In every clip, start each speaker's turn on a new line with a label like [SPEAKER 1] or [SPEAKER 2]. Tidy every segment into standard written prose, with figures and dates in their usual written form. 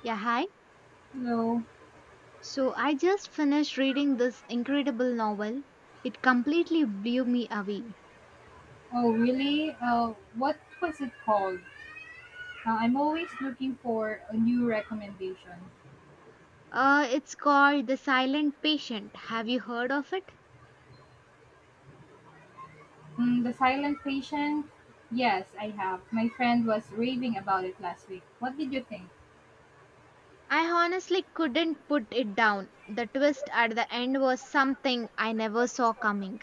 [SPEAKER 1] Yeah, hi.
[SPEAKER 2] No.
[SPEAKER 1] So I just finished reading this incredible novel. It completely blew me away.
[SPEAKER 2] Oh, really? What was it called? I'm always looking for a new recommendation.
[SPEAKER 1] It's called The Silent Patient. Have you heard of it?
[SPEAKER 2] Mm, the Silent Patient? Yes, I have. My friend was raving about it last week. What did you think?
[SPEAKER 1] I honestly couldn't put it down. The twist at the end was something I never saw coming.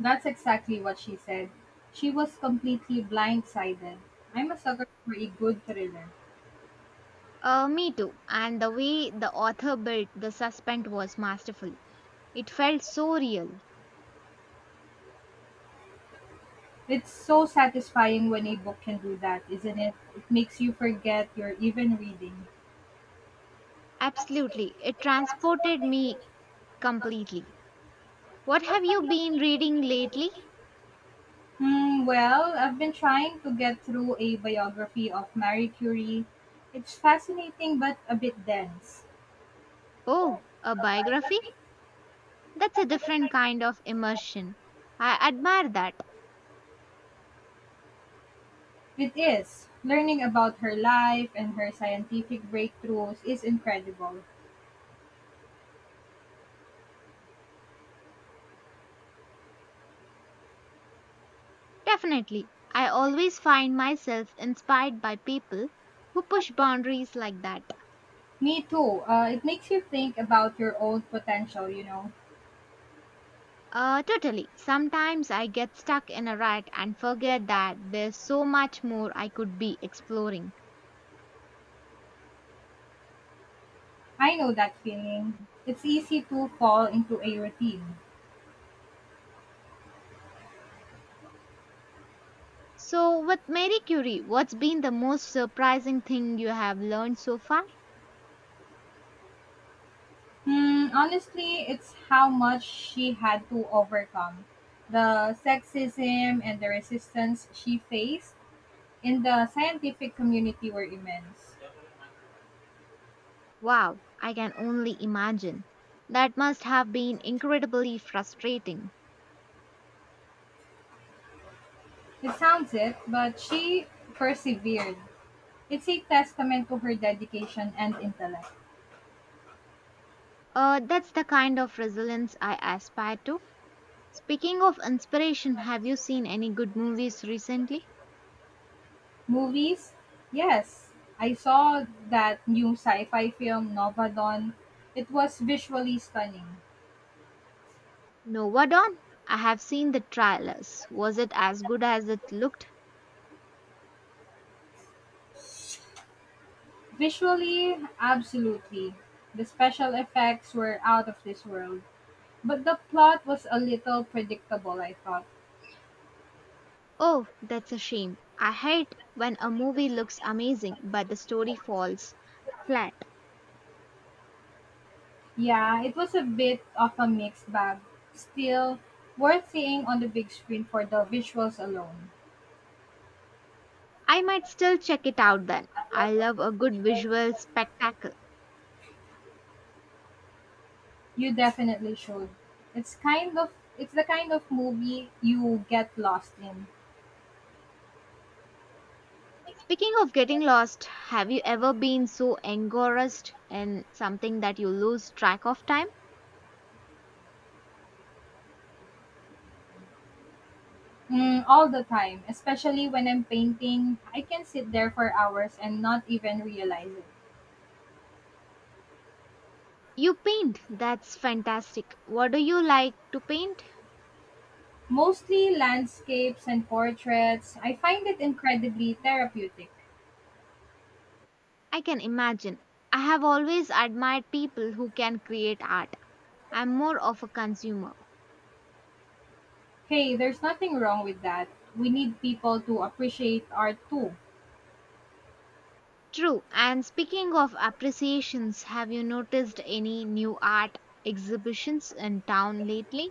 [SPEAKER 2] That's exactly what she said. She was completely blindsided. I'm a sucker for a good thriller.
[SPEAKER 1] Me too. And the way the author built the suspense was masterful. It felt so real.
[SPEAKER 2] It's so satisfying when a book can do that, isn't it? It makes you forget you're even reading.
[SPEAKER 1] Absolutely. It transported me completely. What have you been reading lately?
[SPEAKER 2] Hmm, well, I've been trying to get through a biography of Marie Curie. It's fascinating but a bit dense.
[SPEAKER 1] Oh, a biography? That's a different kind of immersion. I admire that.
[SPEAKER 2] It is. Learning about her life and her scientific breakthroughs is incredible.
[SPEAKER 1] Definitely. I always find myself inspired by people who push boundaries like that.
[SPEAKER 2] Me too. It makes you think about your own potential.
[SPEAKER 1] Totally. Sometimes I get stuck in a rut and forget that there's so much more I could be exploring.
[SPEAKER 2] I know that feeling. It's easy to fall into a routine.
[SPEAKER 1] So, with Mary Curie, what's been the most surprising thing you have learned so far?
[SPEAKER 2] Hmm, honestly, it's how much she had to overcome. The sexism and the resistance she faced in the scientific community were immense.
[SPEAKER 1] Wow, I can only imagine. That must have been incredibly frustrating.
[SPEAKER 2] It sounds it, but she persevered. It's a testament to her dedication and intellect.
[SPEAKER 1] That's the kind of resilience I aspire to. Speaking of inspiration, have you seen any good movies recently?
[SPEAKER 2] Movies? Yes. I saw that new sci fi film, Nova Dawn. It was visually stunning.
[SPEAKER 1] Nova Dawn? I have seen the trailers. Was it as good as it looked?
[SPEAKER 2] Visually, absolutely. The special effects were out of this world. But the plot was a little predictable, I thought.
[SPEAKER 1] Oh, that's a shame. I hate when a movie looks amazing but the story falls flat.
[SPEAKER 2] Yeah, it was a bit of a mixed bag. Still, worth seeing on the big screen for the visuals alone.
[SPEAKER 1] I might still check it out then. I love a good visual spectacle.
[SPEAKER 2] You definitely should. It's kind of it's the kind of movie you get lost in.
[SPEAKER 1] Speaking of getting lost, have you ever been so engrossed in something that you lose track of time?
[SPEAKER 2] Mm, all the time, especially when I'm painting, I can sit there for hours and not even realize it.
[SPEAKER 1] You paint, that's fantastic. What do you like to paint?
[SPEAKER 2] Mostly landscapes and portraits, I find it incredibly therapeutic.
[SPEAKER 1] I can imagine. I have always admired people who can create art. I'm more of a consumer.
[SPEAKER 2] Hey, there's nothing wrong with that. We need people to appreciate art too.
[SPEAKER 1] True, and speaking of appreciations, have you noticed any new art exhibitions in town lately?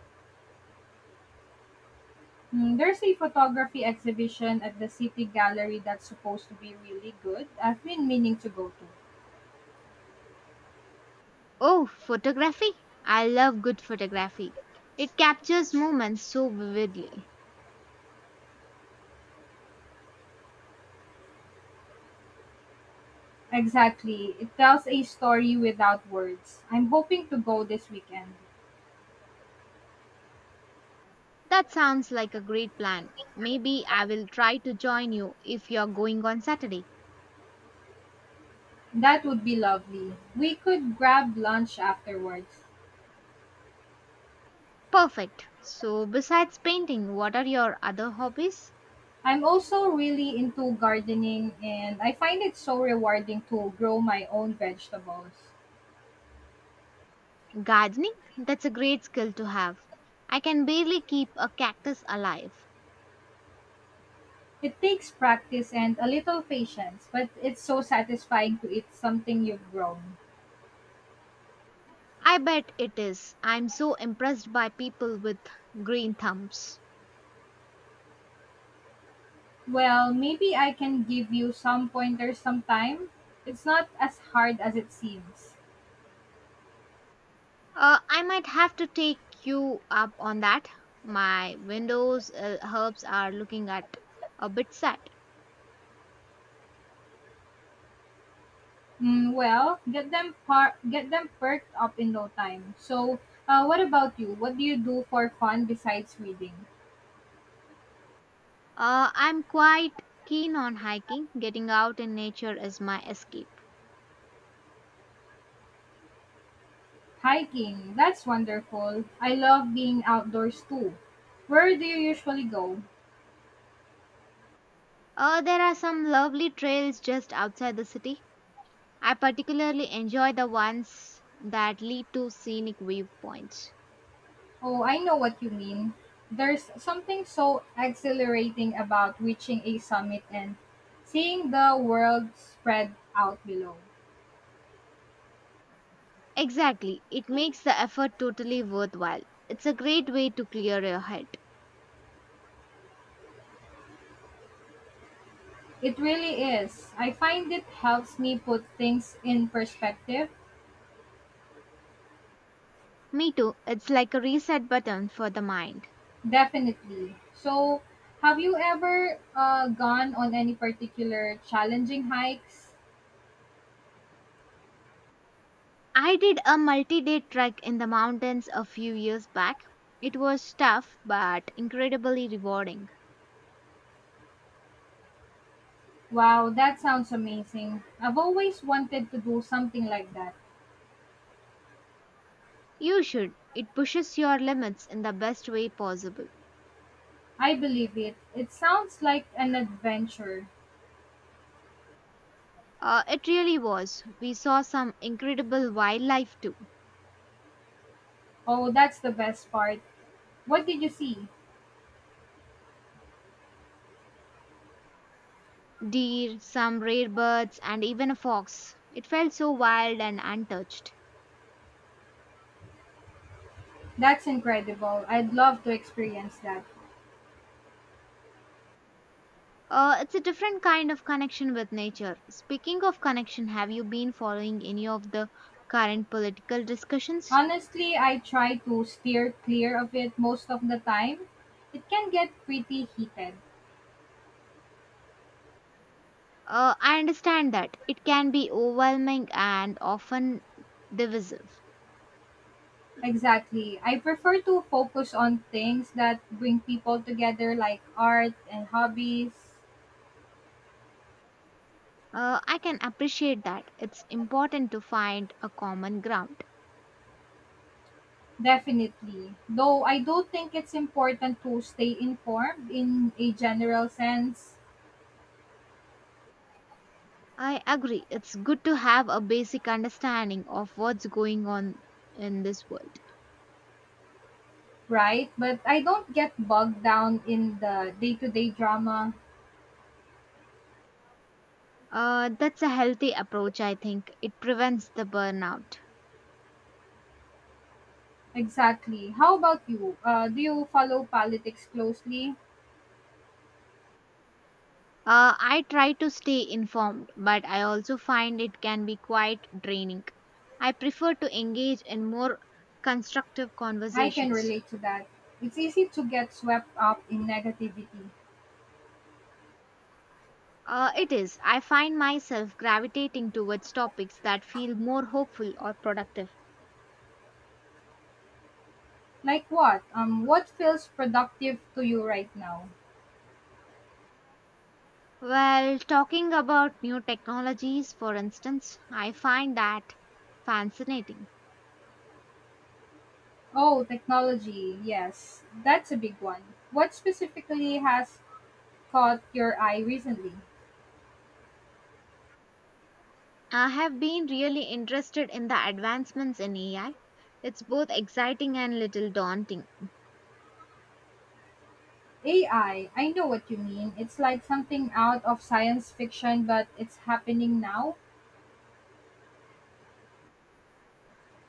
[SPEAKER 2] Mm, there's a photography exhibition at the City Gallery that's supposed to be really good. I've been meaning to go to.
[SPEAKER 1] Oh, photography. I love good photography. It captures moments so vividly.
[SPEAKER 2] Exactly. It tells a story without words. I'm hoping to go this weekend.
[SPEAKER 1] That sounds like a great plan. Maybe I will try to join you if you're going on Saturday.
[SPEAKER 2] That would be lovely. We could grab lunch afterwards.
[SPEAKER 1] Perfect. So, besides painting, what are your other hobbies?
[SPEAKER 2] I'm also really into gardening and I find it so rewarding to grow my own vegetables.
[SPEAKER 1] Gardening? That's a great skill to have. I can barely keep a cactus alive.
[SPEAKER 2] It takes practice and a little patience, but it's so satisfying to eat something you've grown.
[SPEAKER 1] I bet it is. I'm so impressed by people with green thumbs.
[SPEAKER 2] Well, maybe I can give you some pointers sometime. It's not as hard as it seems.
[SPEAKER 1] I might have to take you up on that. My windows herbs are looking at a bit sad.
[SPEAKER 2] Mm, well, get them perked up in no time. So, what about you? What do you do for fun besides reading?
[SPEAKER 1] I'm quite keen on hiking. Getting out in nature is my escape.
[SPEAKER 2] Hiking. That's wonderful. I love being outdoors too. Where do you usually go?
[SPEAKER 1] There are some lovely trails just outside the city. I particularly enjoy the ones that lead to scenic viewpoints.
[SPEAKER 2] Oh, I know what you mean. There's something so exhilarating about reaching a summit and seeing the world spread out below.
[SPEAKER 1] Exactly, it makes the effort totally worthwhile. It's a great way to clear your head.
[SPEAKER 2] It really is. I find it helps me put things in perspective.
[SPEAKER 1] Me too, it's like a reset button for the mind.
[SPEAKER 2] Definitely. So, have you ever gone on any particular challenging hikes?
[SPEAKER 1] I did a multi day trek in the mountains a few years back. It was tough but incredibly rewarding.
[SPEAKER 2] Wow, that sounds amazing. I've always wanted to do something like that.
[SPEAKER 1] You should, it pushes your limits in the best way possible.
[SPEAKER 2] I believe it. It sounds like an adventure.
[SPEAKER 1] It really was. We saw some incredible wildlife too
[SPEAKER 2] Oh, that's the best part. What did you see?
[SPEAKER 1] deer, some rare birds, and even a fox. It felt so wild and untouched.
[SPEAKER 2] That's incredible. I'd love to experience that.
[SPEAKER 1] It's a different kind of connection with nature. Speaking of connection, have you been following any of the current political discussions?
[SPEAKER 2] Honestly, I try to steer clear of it most of the time. It can get pretty heated.
[SPEAKER 1] I understand that it can be overwhelming and often divisive.
[SPEAKER 2] Exactly. I prefer to focus on things that bring people together, like art and hobbies.
[SPEAKER 1] I can appreciate that. It's important to find a common ground.
[SPEAKER 2] Definitely. Though I do think it's important to stay informed in a general sense,
[SPEAKER 1] I agree. It's good to have a basic understanding of what's going on in this world.
[SPEAKER 2] right? But I don't get bogged down in the day to day drama.
[SPEAKER 1] That's a healthy approach, I think. It prevents the burnout.
[SPEAKER 2] Exactly. How about you? Do you follow politics closely?
[SPEAKER 1] I try to stay informed, but I also find it can be quite draining. I prefer to engage in more constructive
[SPEAKER 2] I can
[SPEAKER 1] conversations.
[SPEAKER 2] relate to that. It's easy to get swept up in negativity.
[SPEAKER 1] It is. I find myself gravitating towards topics that feel more hopeful or productive.
[SPEAKER 2] Like what? What feels productive to you right now?
[SPEAKER 1] Well, talking about new technologies, for instance, I find that fascinating.
[SPEAKER 2] Oh, technology. Yes. That's a big one. What specifically has caught your eye recently?
[SPEAKER 1] I have been really interested in the advancements in AI. It's both exciting and little daunting.
[SPEAKER 2] AI. I know what you mean. It's like something out of science fiction but it's happening now.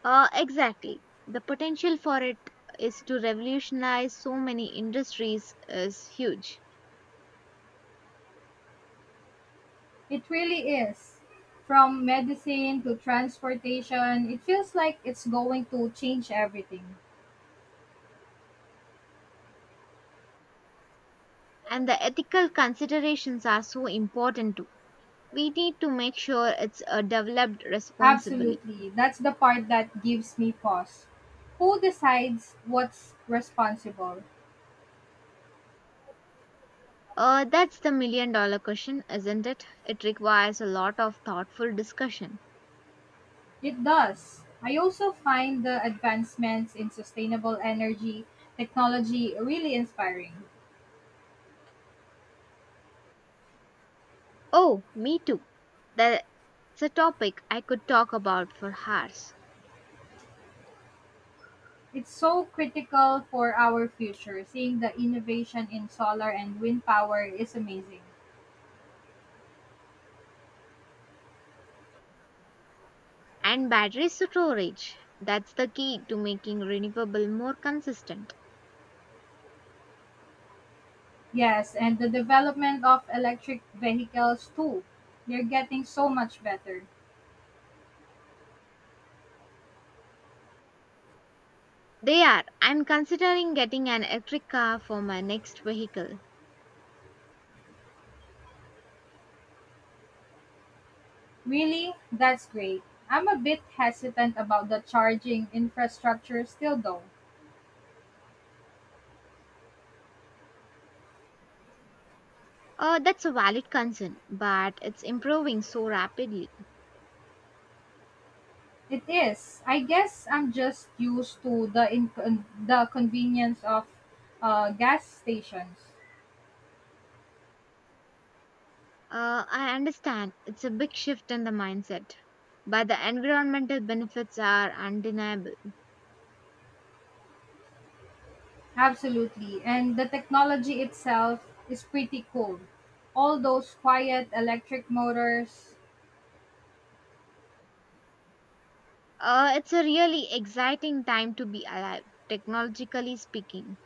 [SPEAKER 1] Exactly. The potential for it is to revolutionize so many industries is huge.
[SPEAKER 2] It really is. From medicine to transportation, it feels like it's going to change everything.
[SPEAKER 1] And the ethical considerations are so important too. We need to make sure it's developed responsibly.
[SPEAKER 2] Absolutely. That's the part that gives me pause. Who decides what's responsible?
[SPEAKER 1] That's the million dollar question, isn't it? It requires a lot of thoughtful discussion.
[SPEAKER 2] It does. I also find the advancements in sustainable energy technology really inspiring.
[SPEAKER 1] Oh, me too. That's a topic I could talk about for hours.
[SPEAKER 2] It's so critical for our future. Seeing the innovation in solar and wind power is amazing.
[SPEAKER 1] And battery storage. That's the key to making renewable more consistent.
[SPEAKER 2] Yes, and the development of electric vehicles too. They're getting so much better.
[SPEAKER 1] They are. I'm considering getting an electric car for my next vehicle.
[SPEAKER 2] Really? That's great. I'm a bit hesitant about the charging infrastructure still though.
[SPEAKER 1] That's a valid concern, but it's improving so rapidly.
[SPEAKER 2] It is. I guess I'm just used to the convenience of gas stations.
[SPEAKER 1] I understand it's a big shift in the mindset, but the environmental benefits are undeniable.
[SPEAKER 2] Absolutely. And the technology itself is pretty cool. All those quiet electric motors.
[SPEAKER 1] It's a really exciting time to be alive, technologically speaking.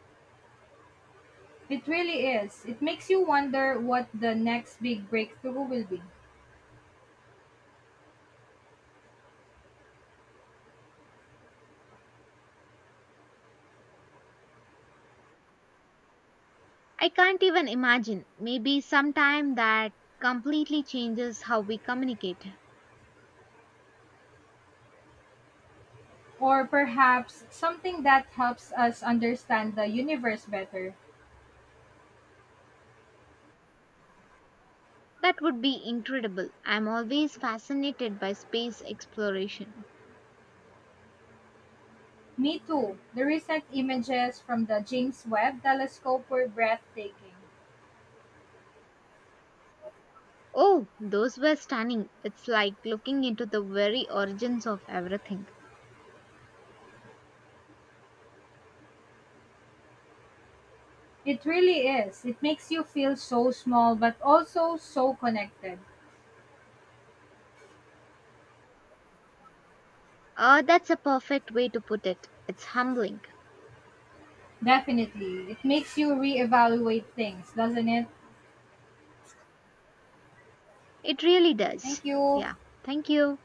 [SPEAKER 2] It really is. It makes you wonder what the next big breakthrough will be.
[SPEAKER 1] I can't even imagine. Maybe sometime that completely changes how we communicate.
[SPEAKER 2] Or perhaps something that helps us understand the universe better.
[SPEAKER 1] That would be incredible. I'm always fascinated by space exploration.
[SPEAKER 2] Me too. The recent images from the James Webb telescope were breathtaking.
[SPEAKER 1] Oh, those were stunning. It's like looking into the very origins of everything.
[SPEAKER 2] It really is. It makes you feel so small but also so connected.
[SPEAKER 1] That's a perfect way to put it. It's humbling.
[SPEAKER 2] Definitely. It makes you reevaluate things, doesn't it?
[SPEAKER 1] It really does.
[SPEAKER 2] Thank you.
[SPEAKER 1] Yeah. Thank you.